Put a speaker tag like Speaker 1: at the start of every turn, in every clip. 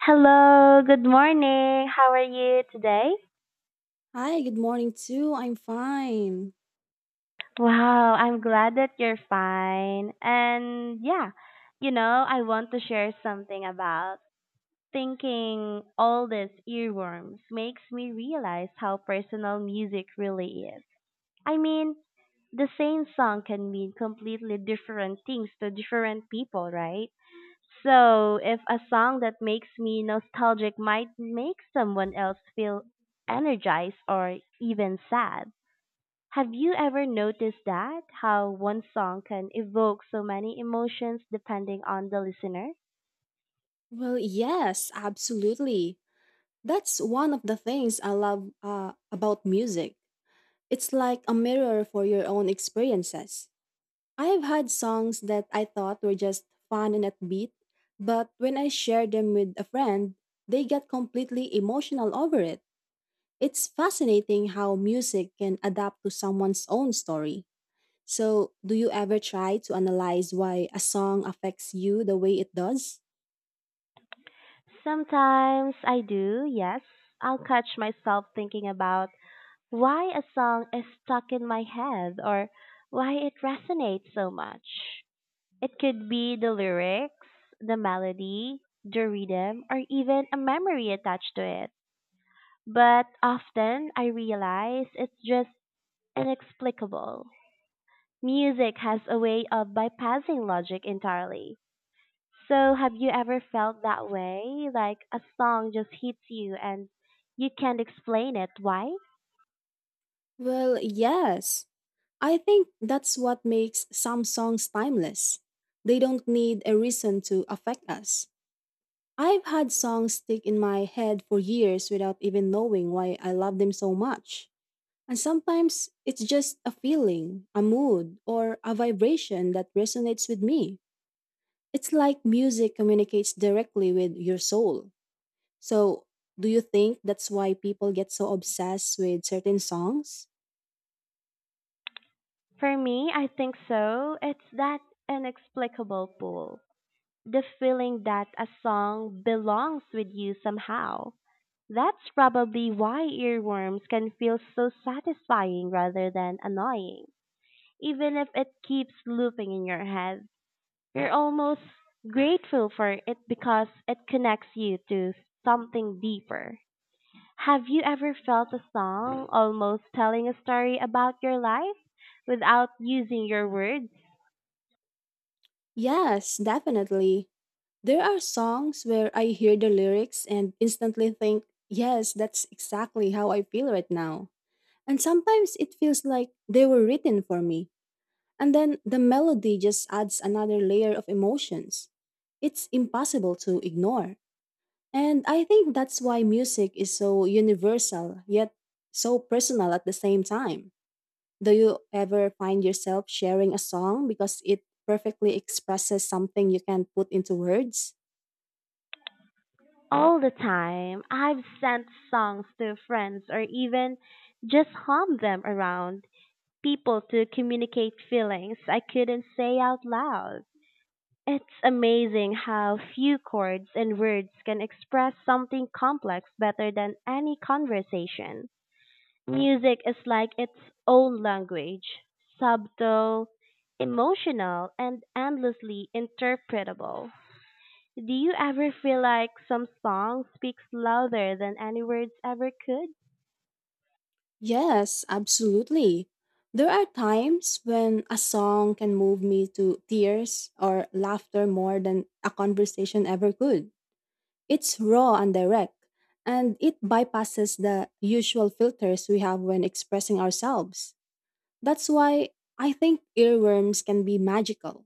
Speaker 1: Hello, good morning. How are you today?
Speaker 2: Hi, good morning too. I'm fine.
Speaker 1: Wow, I'm glad that you're fine. And yeah, I want to share something about thinking all these earworms makes me realize how personal music really is. I mean, the same song can mean completely different things to different people, right? So, if a song that makes me nostalgic might make someone else feel energized or even sad. Have you ever noticed that? How one song can evoke so many emotions depending on the listener?
Speaker 2: Well, yes, absolutely. That's one of the things I love about music. It's like a mirror for your own experiences. I have had songs that I thought were just fun and upbeat, but when I shared them with a friend, they got completely emotional over it. It's fascinating how music can adapt to someone's own story. So, do you ever try to analyze why a song affects you the way it does?
Speaker 1: Sometimes I do, yes. I'll catch myself thinking about why a song is stuck in my head or why it resonates so much. It could be the lyrics, the melody, the rhythm, or even a memory attached to it. But often I realize it's just inexplicable. Music has a way of bypassing logic entirely. So, have you ever felt that way? Like a song just hits you and you can't explain it. Why?
Speaker 2: Well, yes. I think that's what makes some songs timeless. They don't need a reason to affect us. I've had songs stick in my head for years without even knowing why I love them so much. And sometimes it's just a feeling, a mood, or a vibration that resonates with me. It's like music communicates directly with your soul. So, do you think that's why people get so obsessed with certain songs?
Speaker 1: For me, I think so. It's that inexplicable pull. The feeling that a song belongs with you somehow. That's probably why earworms can feel so satisfying rather than annoying. Even if it keeps looping in your head, you're almost grateful for it because it connects you to something deeper. Have you ever felt a song almost telling a story about your life without using your words?
Speaker 2: Yes, definitely. There are songs where I hear the lyrics and instantly think, yes, that's exactly how I feel right now. And sometimes it feels like they were written for me. And then the melody just adds another layer of emotions. It's impossible to ignore. And I think that's why music is so universal, yet so personal at the same time. Do you ever find yourself sharing a song because it perfectly expresses something you can't put into words?
Speaker 1: All the time. I've sent songs to friends or even just hummed them around people to communicate feelings I couldn't say out loud. It's amazing how few chords and words can express something complex better than any conversation. Music is like its own language, subtle, emotional, and endlessly interpretable. Do you ever feel like some song speaks louder than any words ever could?
Speaker 2: Yes, absolutely. There are times when a song can move me to tears or laughter more than a conversation ever could. It's raw and direct, and it bypasses the usual filters we have when expressing ourselves. That's why I think earworms can be magical.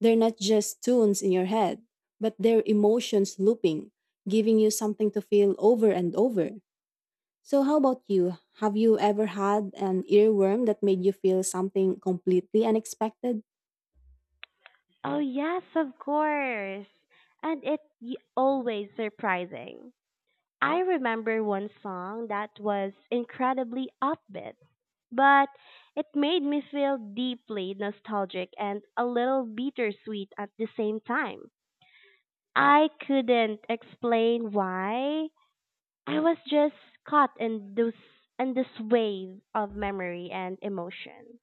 Speaker 2: They're not just tunes in your head, but they're emotions looping, giving you something to feel over and over. So, how about you? Have you ever had an earworm that made you feel something completely unexpected?
Speaker 1: Oh, yes, of course. And always surprising. I remember one song that was incredibly upbeat, but it made me feel deeply nostalgic and a little bittersweet at the same time. I couldn't explain why. I was just caught in this wave of memory and emotion.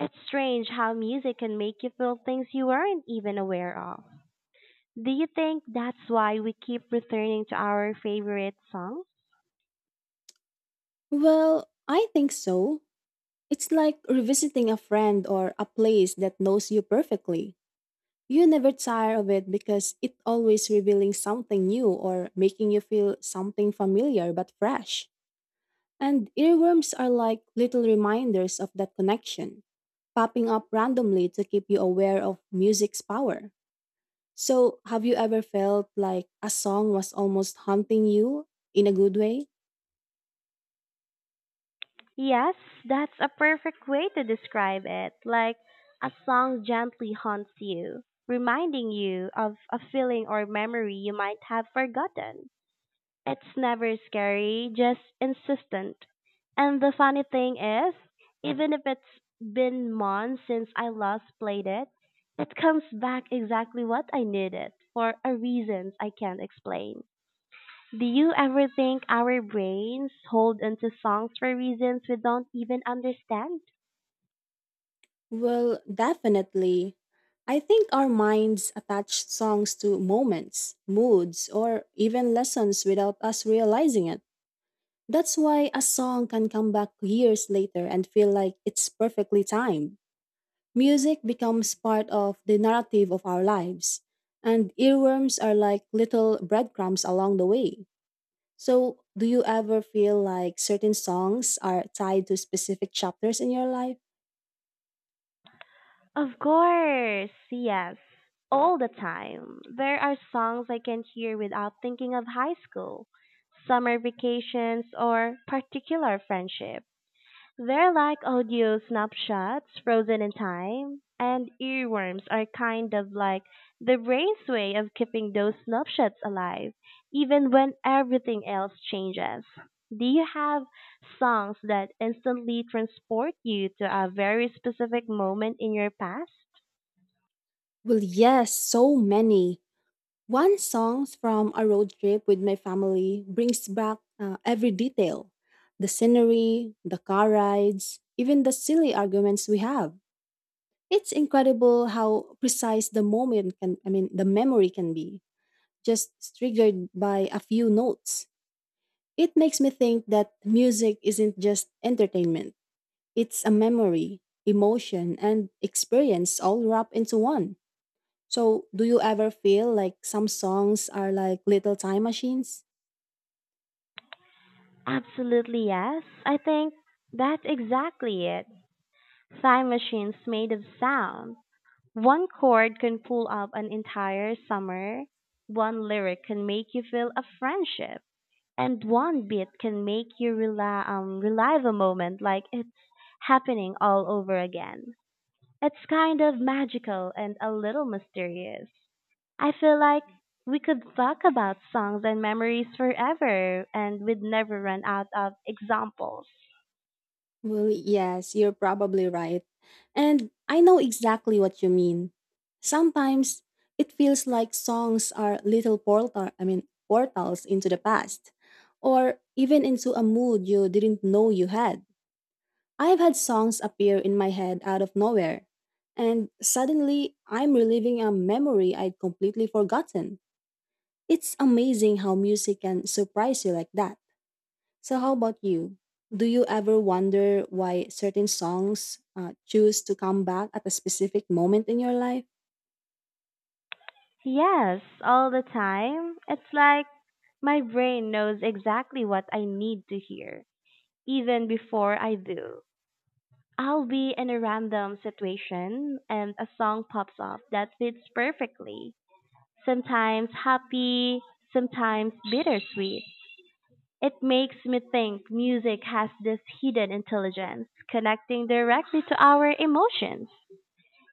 Speaker 1: It's strange how music can make you feel things you weren't even aware of. Do you think that's why we keep returning to our favorite songs?
Speaker 2: Well, I think so. It's like revisiting a friend or a place that knows you perfectly. You never tire of it because it's always revealing something new or making you feel something familiar but fresh. And earworms are like little reminders of that connection, popping up randomly to keep you aware of music's power. So, have you ever felt like a song was almost haunting you in a good way?
Speaker 1: Yes, that's a perfect way to describe it. Like a song gently haunts you, reminding you of a feeling or memory you might have forgotten. It's never scary, just insistent. And the funny thing is, even if it's been months since I last played it, it comes back exactly what I needed for a reasons I can't explain. Do you ever think our brains hold onto songs for reasons we don't even understand?
Speaker 2: Well, definitely. I think our minds attach songs to moments, moods, or even lessons without us realizing it. That's why a song can come back years later and feel like it's perfectly timed. Music becomes part of the narrative of our lives, and earworms are like little breadcrumbs along the way. So, do you ever feel like certain songs are tied to specific chapters in your life?
Speaker 1: Of course, yes. All the time. There are songs I can hear without thinking of high school, summer vacations, or particular friendship. They're like audio snapshots frozen in time, and earworms are kind of like the brain's way of keeping those snapshots alive, even when everything else changes. Do you have songs that instantly transport you to a very specific moment in your past?
Speaker 2: Well, yes, so many. One song from a road trip with my family brings back every detail, the scenery, the car rides, even the silly arguments we have. It's incredible how precise the moment can, I mean, the memory can be. Just triggered by a few notes. It makes me think that music isn't just entertainment, it's a memory, emotion, and experience all wrapped into one. So, do you ever feel like some songs are like little time machines?
Speaker 1: Absolutely yes. I think that's exactly it. Time machines made of sound. One chord can pull up an entire summer. One lyric can make you feel a friendship. And one beat can make you relive a moment like it's happening all over again. It's kind of magical and a little mysterious. I feel like we could talk about songs and memories forever and we'd never run out of examples.
Speaker 2: Well, yes, you're probably right. And I know exactly what you mean. Sometimes it feels like songs are little portals into the past or even into a mood you didn't know you had. I've had songs appear in my head out of nowhere, and suddenly I'm reliving a memory I'd completely forgotten. It's amazing how music can surprise you like that. So, how about you? Do you ever wonder why certain songs choose to come back at a specific moment in your life?
Speaker 1: Yes, all the time. It's like my brain knows exactly what I need to hear, even before I do. I'll be in a random situation and a song pops up that fits perfectly. Sometimes happy, sometimes bittersweet. It makes me think music has this hidden intelligence connecting directly to our emotions.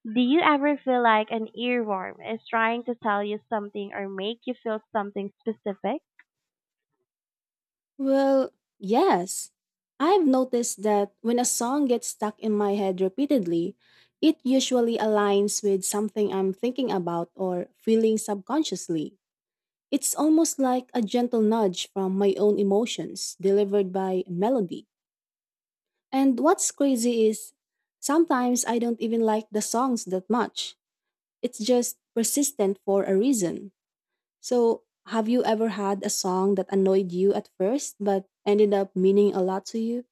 Speaker 1: Do you ever feel like an earworm is trying to tell you something or make you feel something specific?
Speaker 2: Well, yes. I've noticed that when a song gets stuck in my head repeatedly, it usually aligns with something I'm thinking about or feeling subconsciously. It's almost like a gentle nudge from my own emotions delivered by melody. And what's crazy is sometimes I don't even like the songs that much. It's just persistent for a reason. So, have you ever had a song that annoyed you at first but ended up meaning a lot to you?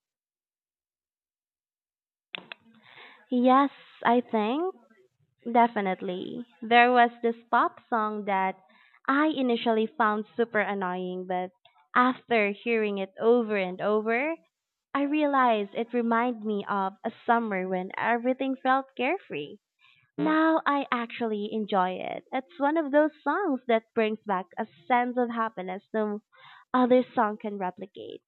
Speaker 1: Yes, I think. Definitely. There was this pop song that I initially found super annoying, but after hearing it over and over, I realized it reminded me of a summer when everything felt carefree. Now I actually enjoy it. It's one of those songs that brings back a sense of happiness no other song can replicate.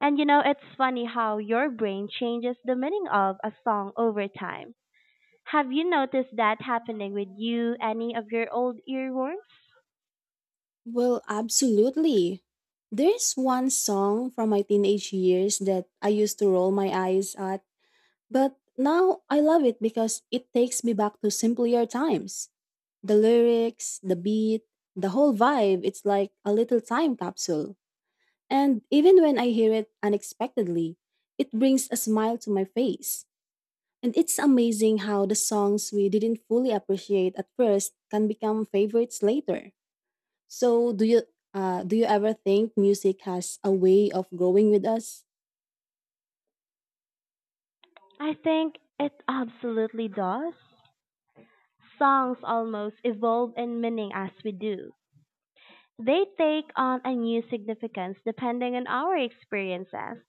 Speaker 1: And it's funny how your brain changes the meaning of a song over time. Have you noticed that happening with you, any of your old earworms?
Speaker 2: Well, absolutely. There's one song from my teenage years that I used to roll my eyes at, but now I love it because it takes me back to simpler times. The lyrics, the beat, the whole vibe, it's like a little time capsule. And even when I hear it unexpectedly, it brings a smile to my face. And it's amazing how the songs we didn't fully appreciate at first can become favorites later. So, do you ever think music has a way of growing with us?
Speaker 1: I think it absolutely does. Songs almost evolve in meaning as we do. They take on a new significance depending on our experiences.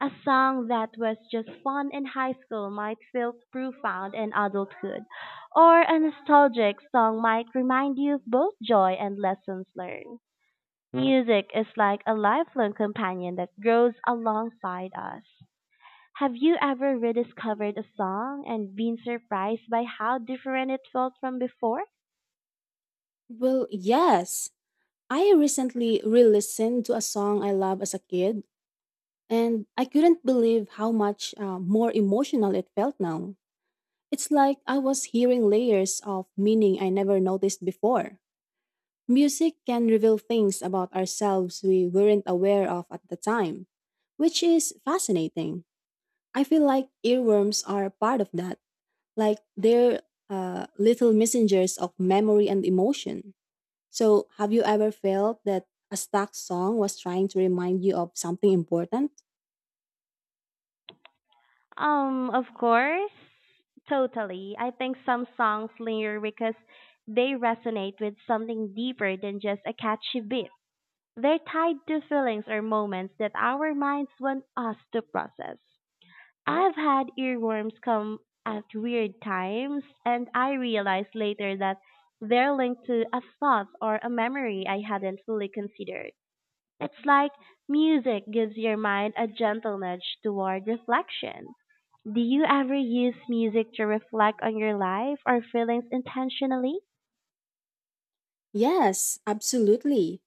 Speaker 1: A song that was just fun in high school might feel profound in adulthood, or a nostalgic song might remind you of both joy and lessons learned. Music is like a lifelong companion that grows alongside us. Have you ever rediscovered a song and been surprised by how different it felt from before?
Speaker 2: Well, yes. I recently re-listened to a song I loved as a kid, and I couldn't believe how much more emotional it felt now. It's like I was hearing layers of meaning I never noticed before. Music can reveal things about ourselves we weren't aware of at the time, which is fascinating. I feel like earworms are part of that, like they're little messengers of memory and emotion. So, have you ever felt that a stuck song was trying to remind you of something important?
Speaker 1: Of course, totally. I think some songs linger because they resonate with something deeper than just a catchy beat. They're tied to feelings or moments that our minds want us to process. I've had earworms come at weird times, and I realized later that they're linked to a thought or a memory I hadn't fully considered. It's like music gives your mind a gentle nudge toward reflection. Do you ever use music to reflect on your life or feelings intentionally?
Speaker 2: Yes, absolutely.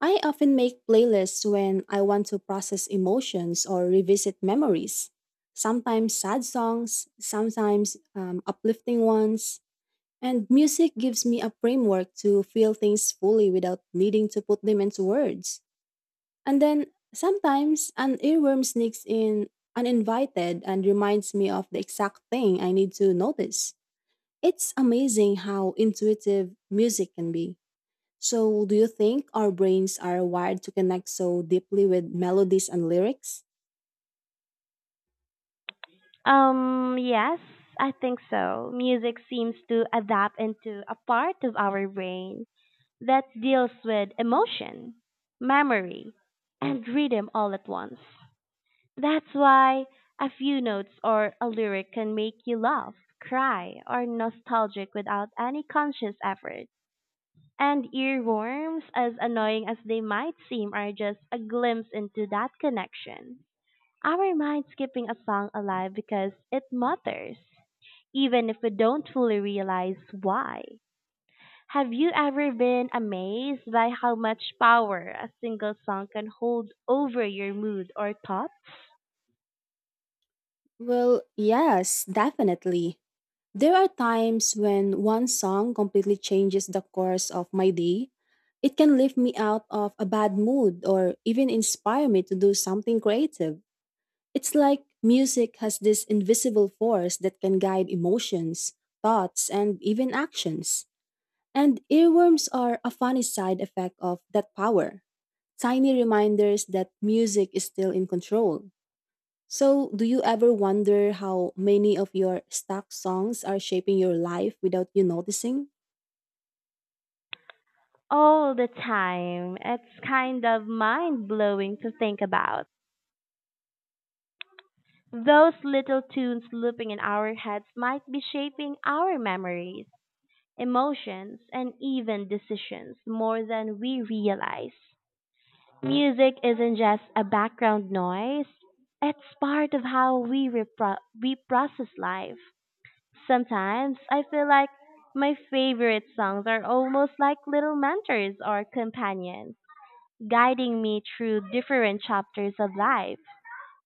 Speaker 2: I often make playlists when I want to process emotions or revisit memories. Sometimes sad songs, sometimes uplifting ones. And music gives me a framework to feel things fully without needing to put them into words. And then sometimes an earworm sneaks in uninvited and reminds me of the exact thing I need to notice. It's amazing how intuitive music can be. So, do you think our brains are wired to connect so deeply with melodies and lyrics?
Speaker 1: Yes, I think so. Music seems to adapt into a part of our brain that deals with emotion, memory, and rhythm all at once. That's why a few notes or a lyric can make you laugh, cry, or nostalgic without any conscious effort. And earworms, as annoying as they might seem, are just a glimpse into that connection. Our minds keeping a song alive because it mutters, even if we don't fully realize why. Have you ever been amazed by how much power a single song can hold over your mood or thoughts?
Speaker 2: Well, yes, definitely. There are times when one song completely changes the course of my day. It can lift me out of a bad mood or even inspire me to do something creative. It's like music has this invisible force that can guide emotions, thoughts, and even actions. And earworms are a funny side effect of that power, tiny reminders that music is still in control. So, do you ever wonder how many of your stuck songs are shaping your life without you noticing?
Speaker 1: All the time. It's kind of mind blowing to think about. Those little tunes looping in our heads might be shaping our memories, emotions, and even decisions more than we realize. Music isn't just a background noise, it's part of how we process life. Sometimes I feel like my favorite songs are almost like little mentors or companions guiding me through different chapters of life.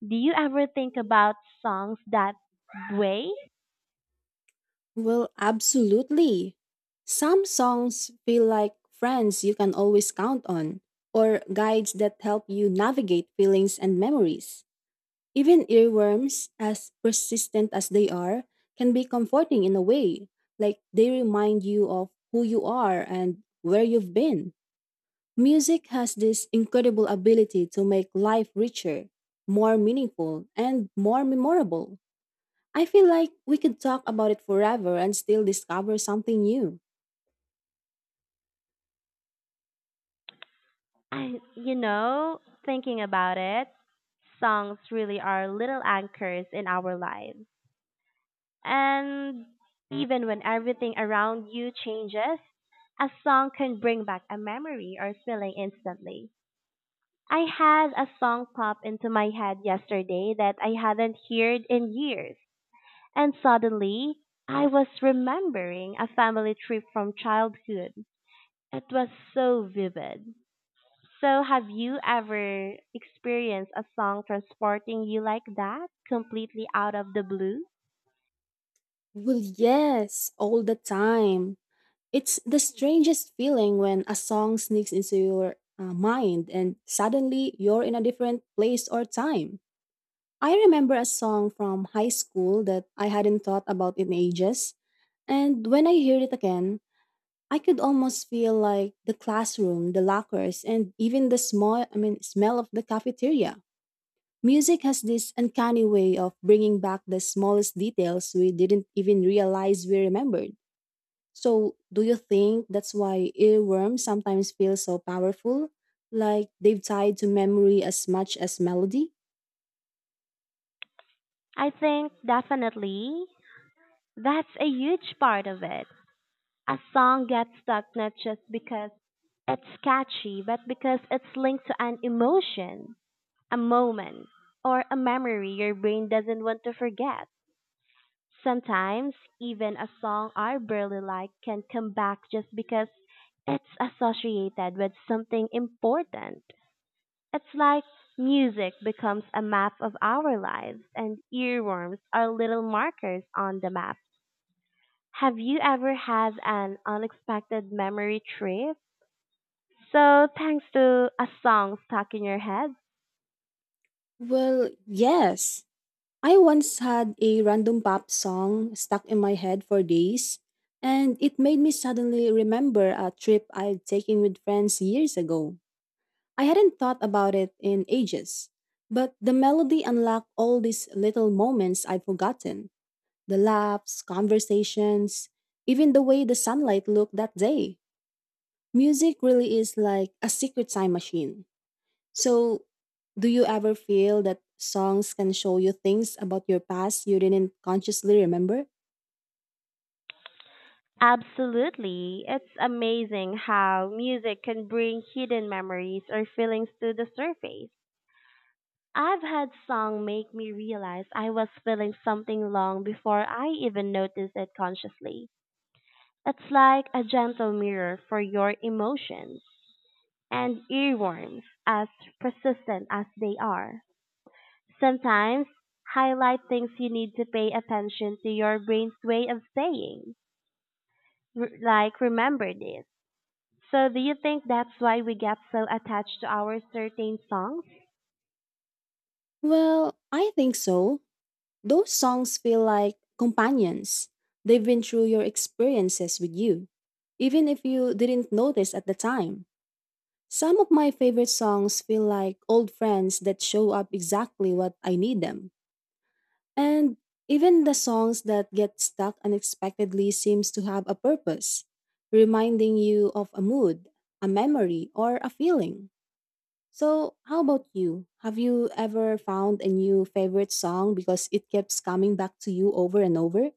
Speaker 1: Do you ever think about songs that way?
Speaker 2: Well, absolutely. Some songs feel like friends you can always count on, or guides that help you navigate feelings and memories. Even earworms, as persistent as they are, can be comforting in a way, like they remind you of who you are and where you've been. Music has this incredible ability to make life richer, more meaningful, and more memorable. I feel like we could talk about it forever and still discover something new.
Speaker 1: Thinking about it, songs really are little anchors in our lives. And even when everything around you changes, a song can bring back a memory or feeling instantly. I had a song pop into my head yesterday that I hadn't heard in years. And suddenly I was remembering a family trip from childhood. It was so vivid. So, have you ever experienced a song transporting you like that, completely out of the blue?
Speaker 2: Well, yes, all the time. It's the strangest feeling when a song sneaks into your mind and suddenly you're in a different place or time. I remember a song from high school that I hadn't thought about in ages, and when I heard it again, I could almost feel like the classroom, the lockers, and even the smell of the cafeteria. Music has this uncanny way of bringing back the smallest details we didn't even realize we remembered. So, do you think that's why earworms sometimes feel so powerful? Like they've tied to memory as much as melody?
Speaker 1: I think definitely that's a huge part of it. A song gets stuck not just because it's catchy, but because it's linked to an emotion, a moment, or a memory your brain doesn't want to forget. Sometimes even a song I barely like can come back just because it's associated with something important. It's like music becomes a map of our lives, and earworms are little markers on the map. Have you ever had an unexpected memory trip? So, thanks to a song stuck in your head?
Speaker 2: Well, yes. I once had a random pop song stuck in my head for days, and it made me suddenly remember a trip I'd taken with friends years ago. I hadn't thought about it in ages, but the melody unlocked all these little moments I'd forgotten, the laughs, conversations, even the way the sunlight looked that day. Music really is like a secret time machine. So, do you ever feel that songs can show you things about your past you didn't consciously remember?
Speaker 1: Absolutely. It's amazing how music can bring hidden memories or feelings to the surface. I've had song make me realize I was feeling something long before I even noticed it consciously. It's like a gentle mirror for your emotions and earworms, as persistent as they are. Sometimes highlight things you need to pay attention to your brain's way of saying, like remember this. So do you think that's why we get so attached to our certain songs?
Speaker 2: Well, I think so. Those songs feel like companions. They've been through your experiences with you, even if you didn't notice at the time. Some of my favorite songs feel like old friends that show up exactly what I need them. And even the songs that get stuck unexpectedly seems to have a purpose, reminding you of a mood, a memory, or a feeling. So, how about you? Have you ever found a new favorite song because it keeps coming back to you over and over?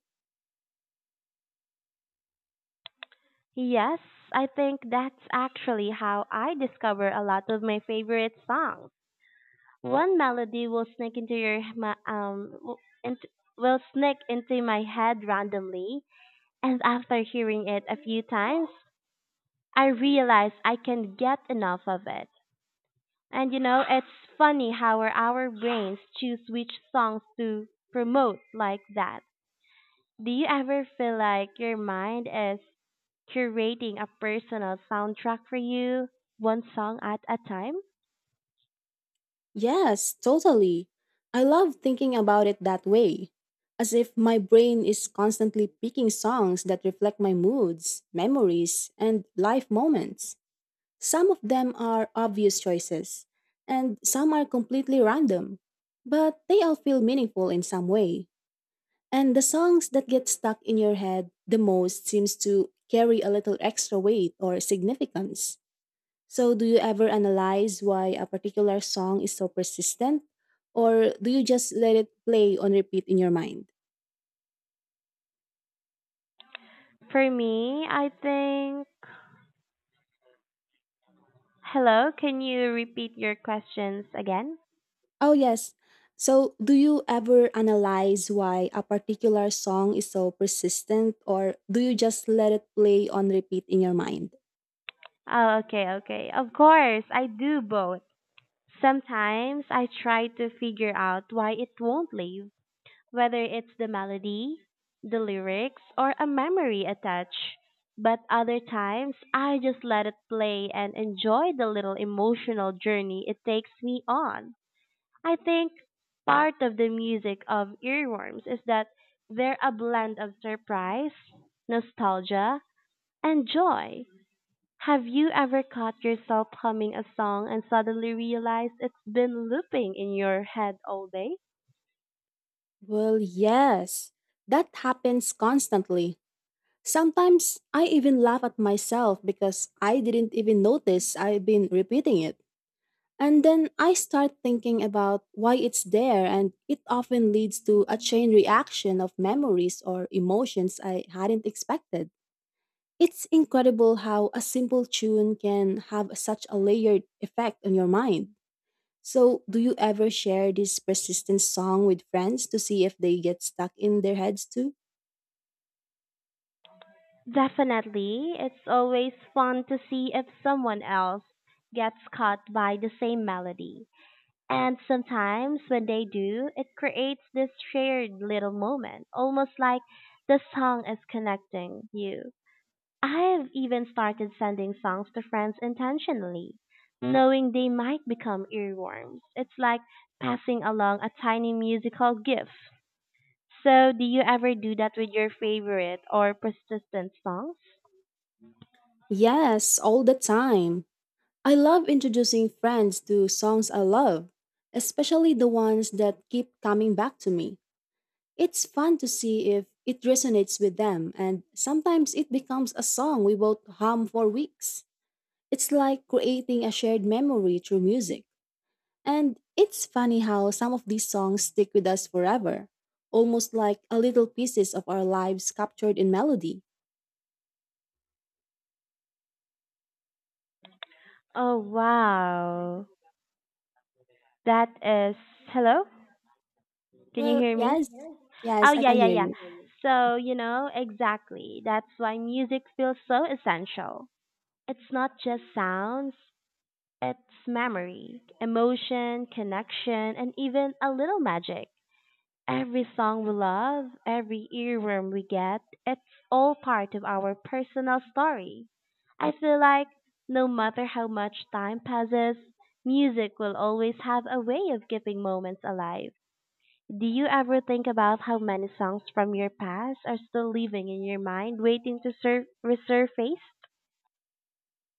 Speaker 1: Yes, I think that's actually how I discover a lot of my favorite songs. One melody will sneak into your ma- w- int- will sneak into my head randomly, and after hearing it a few times, I realize I can get enough of it. And it's funny how our brains choose which songs to promote like that. Do you ever feel like your mind is curating a personal soundtrack for you, one song at a time?
Speaker 2: Yes, totally. I love thinking about it that way, as if my brain is constantly picking songs that reflect my moods, memories, and life moments. Some of them are obvious choices, and some are completely random, but they all feel meaningful in some way. And the songs that get stuck in your head the most seems to carry a little extra weight or significance. So, do you ever analyze why a particular song is so persistent, or do you just let it play on repeat in your mind?
Speaker 1: For me, I think. Hello, can you repeat your questions again?
Speaker 2: Oh, yes. So, do you ever analyze why a particular song is so persistent, or do you just let it play on repeat in your mind?
Speaker 1: Oh, okay. Of course, I do both. Sometimes I try to figure out why it won't leave, whether it's the melody, the lyrics, or a memory attached. But other times, I just let it play and enjoy the little emotional journey it takes me on. I think part of the music of Earworms is that they're a blend of surprise, nostalgia, and joy. Have you ever caught yourself humming a song and suddenly realized it's been looping in your head all day?
Speaker 2: Well, yes, that happens constantly. Sometimes I even laugh at myself because I didn't even notice I've been repeating it. And then I start thinking about why it's there, and it often leads to a chain reaction of memories or emotions I hadn't expected. It's incredible how a simple tune can have such a layered effect on your mind. So, do you ever share this persistent song with friends to see if they get stuck in their heads too?
Speaker 1: Definitely, it's always fun to see if someone else gets caught by the same melody. And sometimes when they do, it creates this shared little moment, almost like the song is connecting you. I've even started sending songs to friends intentionally, knowing they might become earworms. It's like passing along a tiny musical gift. So, do you ever do that with your favorite or persistent songs?
Speaker 2: Yes, all the time. I love introducing friends to songs I love, especially the ones that keep coming back to me. It's fun to see if it resonates with them, and sometimes it becomes a song we both hum for weeks. It's like creating a shared memory through music. And it's funny how some of these songs stick with us forever, almost like a little pieces of our lives captured in melody.
Speaker 1: Oh, wow. That is. Hello? Can you
Speaker 2: Well,
Speaker 1: hear
Speaker 2: yes,
Speaker 1: me? Oh,
Speaker 2: yes, I
Speaker 1: yeah,
Speaker 2: can
Speaker 1: yeah,
Speaker 2: hear
Speaker 1: yeah.
Speaker 2: you.
Speaker 1: Mhm. So, exactly. That's why music feels so essential. It's not just sounds, it's memory, emotion, connection, and even a little magic. Every song we love, every earworm we get, it's all part of our personal story. I feel like no matter how much time passes, music will always have a way of keeping moments alive. Do you ever think about how many songs from your past are still living in your mind, waiting to resurface?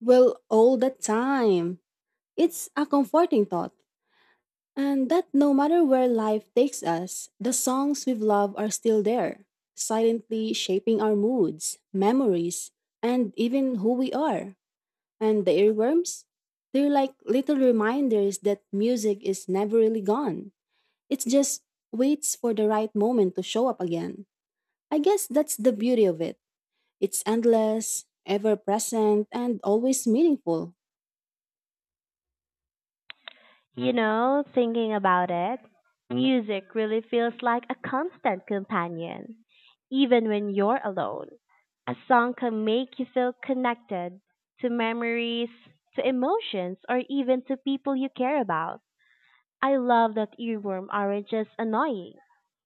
Speaker 2: Well, all the time. It's a comforting thought. And that no matter where life takes us, the songs we've loved are still there, silently shaping our moods, memories, and even who we are. And the earworms? They're like little reminders that music is never really gone. It just waits for the right moment to show up again. I guess that's the beauty of it. It's endless, ever present, and always meaningful.
Speaker 1: Thinking about it, music really feels like a constant companion, even when you're alone. A song can make you feel connected to memories, to emotions, or even to people you care about. I love that earworm aren't just annoying.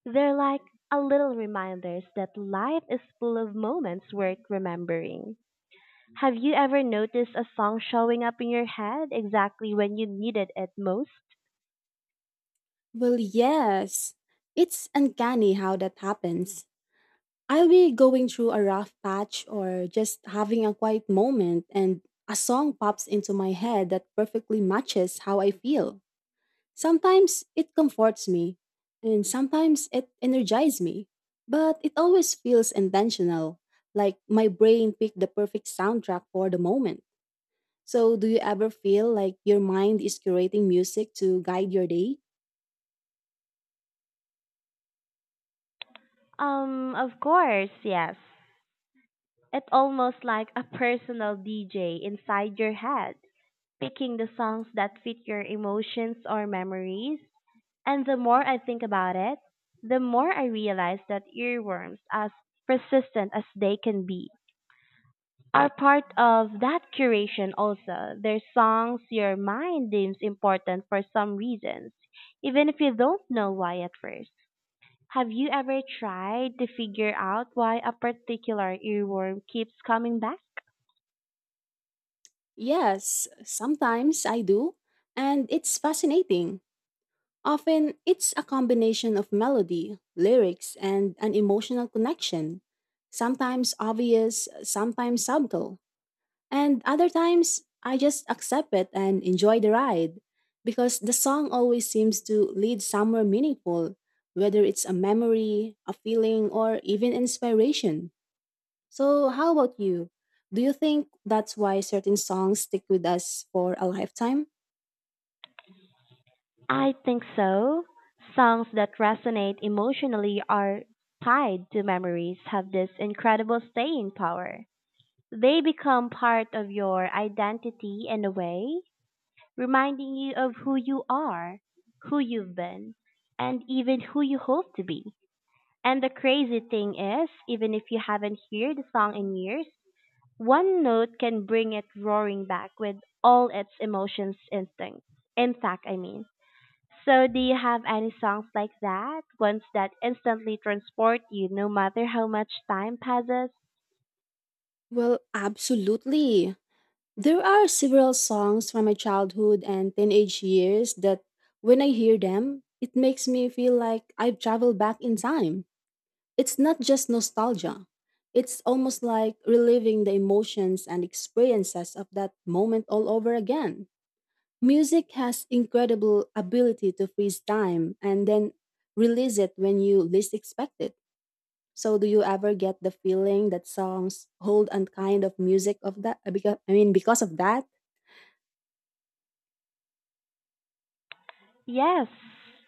Speaker 1: They're like a little reminders that life is full of moments worth remembering. Have you ever noticed a song showing up in your head exactly when you needed it most?
Speaker 2: Well, yes. It's uncanny how that happens. I'll be going through a rough patch or just having a quiet moment, and a song pops into my head that perfectly matches how I feel. Sometimes it comforts me, and sometimes it energizes me, but it always feels intentional, like my brain picked the perfect soundtrack for the moment. So, do you ever feel like your mind is curating music to guide your day?
Speaker 1: Of course, yes. It's almost like a personal DJ inside your head, picking the songs that fit your emotions or memories. And the more I think about it, the more I realize that earworms, as persistent as they can be, are part of that curation also. They're songs your mind deems important for some reasons, even if you don't know why at first. Have you ever tried to figure out why a particular earworm keeps coming back?
Speaker 2: Yes, sometimes I do, and it's fascinating. Often, it's a combination of melody, lyrics, and an emotional connection, sometimes obvious, sometimes subtle. And other times, I just accept it and enjoy the ride because the song always seems to lead somewhere meaningful, whether it's a memory, a feeling, or even inspiration. So, how about you? Do you think that's why certain songs stick with us for a lifetime?
Speaker 1: I think so. Songs that resonate emotionally are tied to memories have this incredible staying power. They become part of your identity in a way, reminding you of who you are, who you've been, and even who you hope to be. And the crazy thing is, even if you haven't heard the song in years, one note can bring it roaring back with all its emotions instinct. Intact, I mean. So, do you have any songs like that? Ones that instantly transport you no matter how much time passes?
Speaker 2: Well, absolutely. There are several songs from my childhood and teenage years that when I hear them, it makes me feel like I've traveled back in time. It's not just nostalgia. It's almost like reliving the emotions and experiences of that moment all over again. Music has incredible ability to freeze time and then release it when you least expect it. So, do you ever get the feeling that songs hold a kind of music of that because I mean because of that?
Speaker 1: Yes,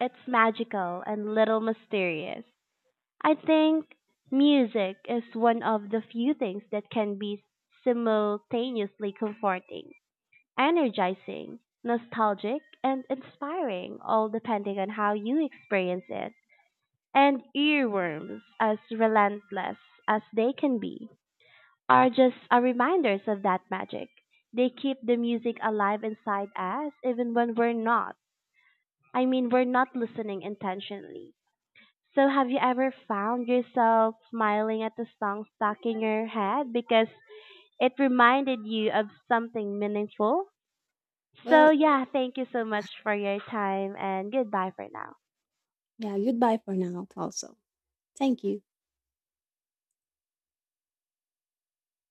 Speaker 1: it's magical and little mysterious. I think music is one of the few things that can be simultaneously comforting, energizing, nostalgic, and inspiring, all depending on how you experience it. And earworms, as relentless as they can be, are just a reminders of that magic. They keep the music alive inside us even when we're not listening intentionally. So, have you ever found yourself smiling at the song stuck in your head because it reminded you of something meaningful? So,
Speaker 2: Well,
Speaker 1: yeah, thank you so much for your time and goodbye for now.
Speaker 2: yeah, goodbye for now also. Thank you.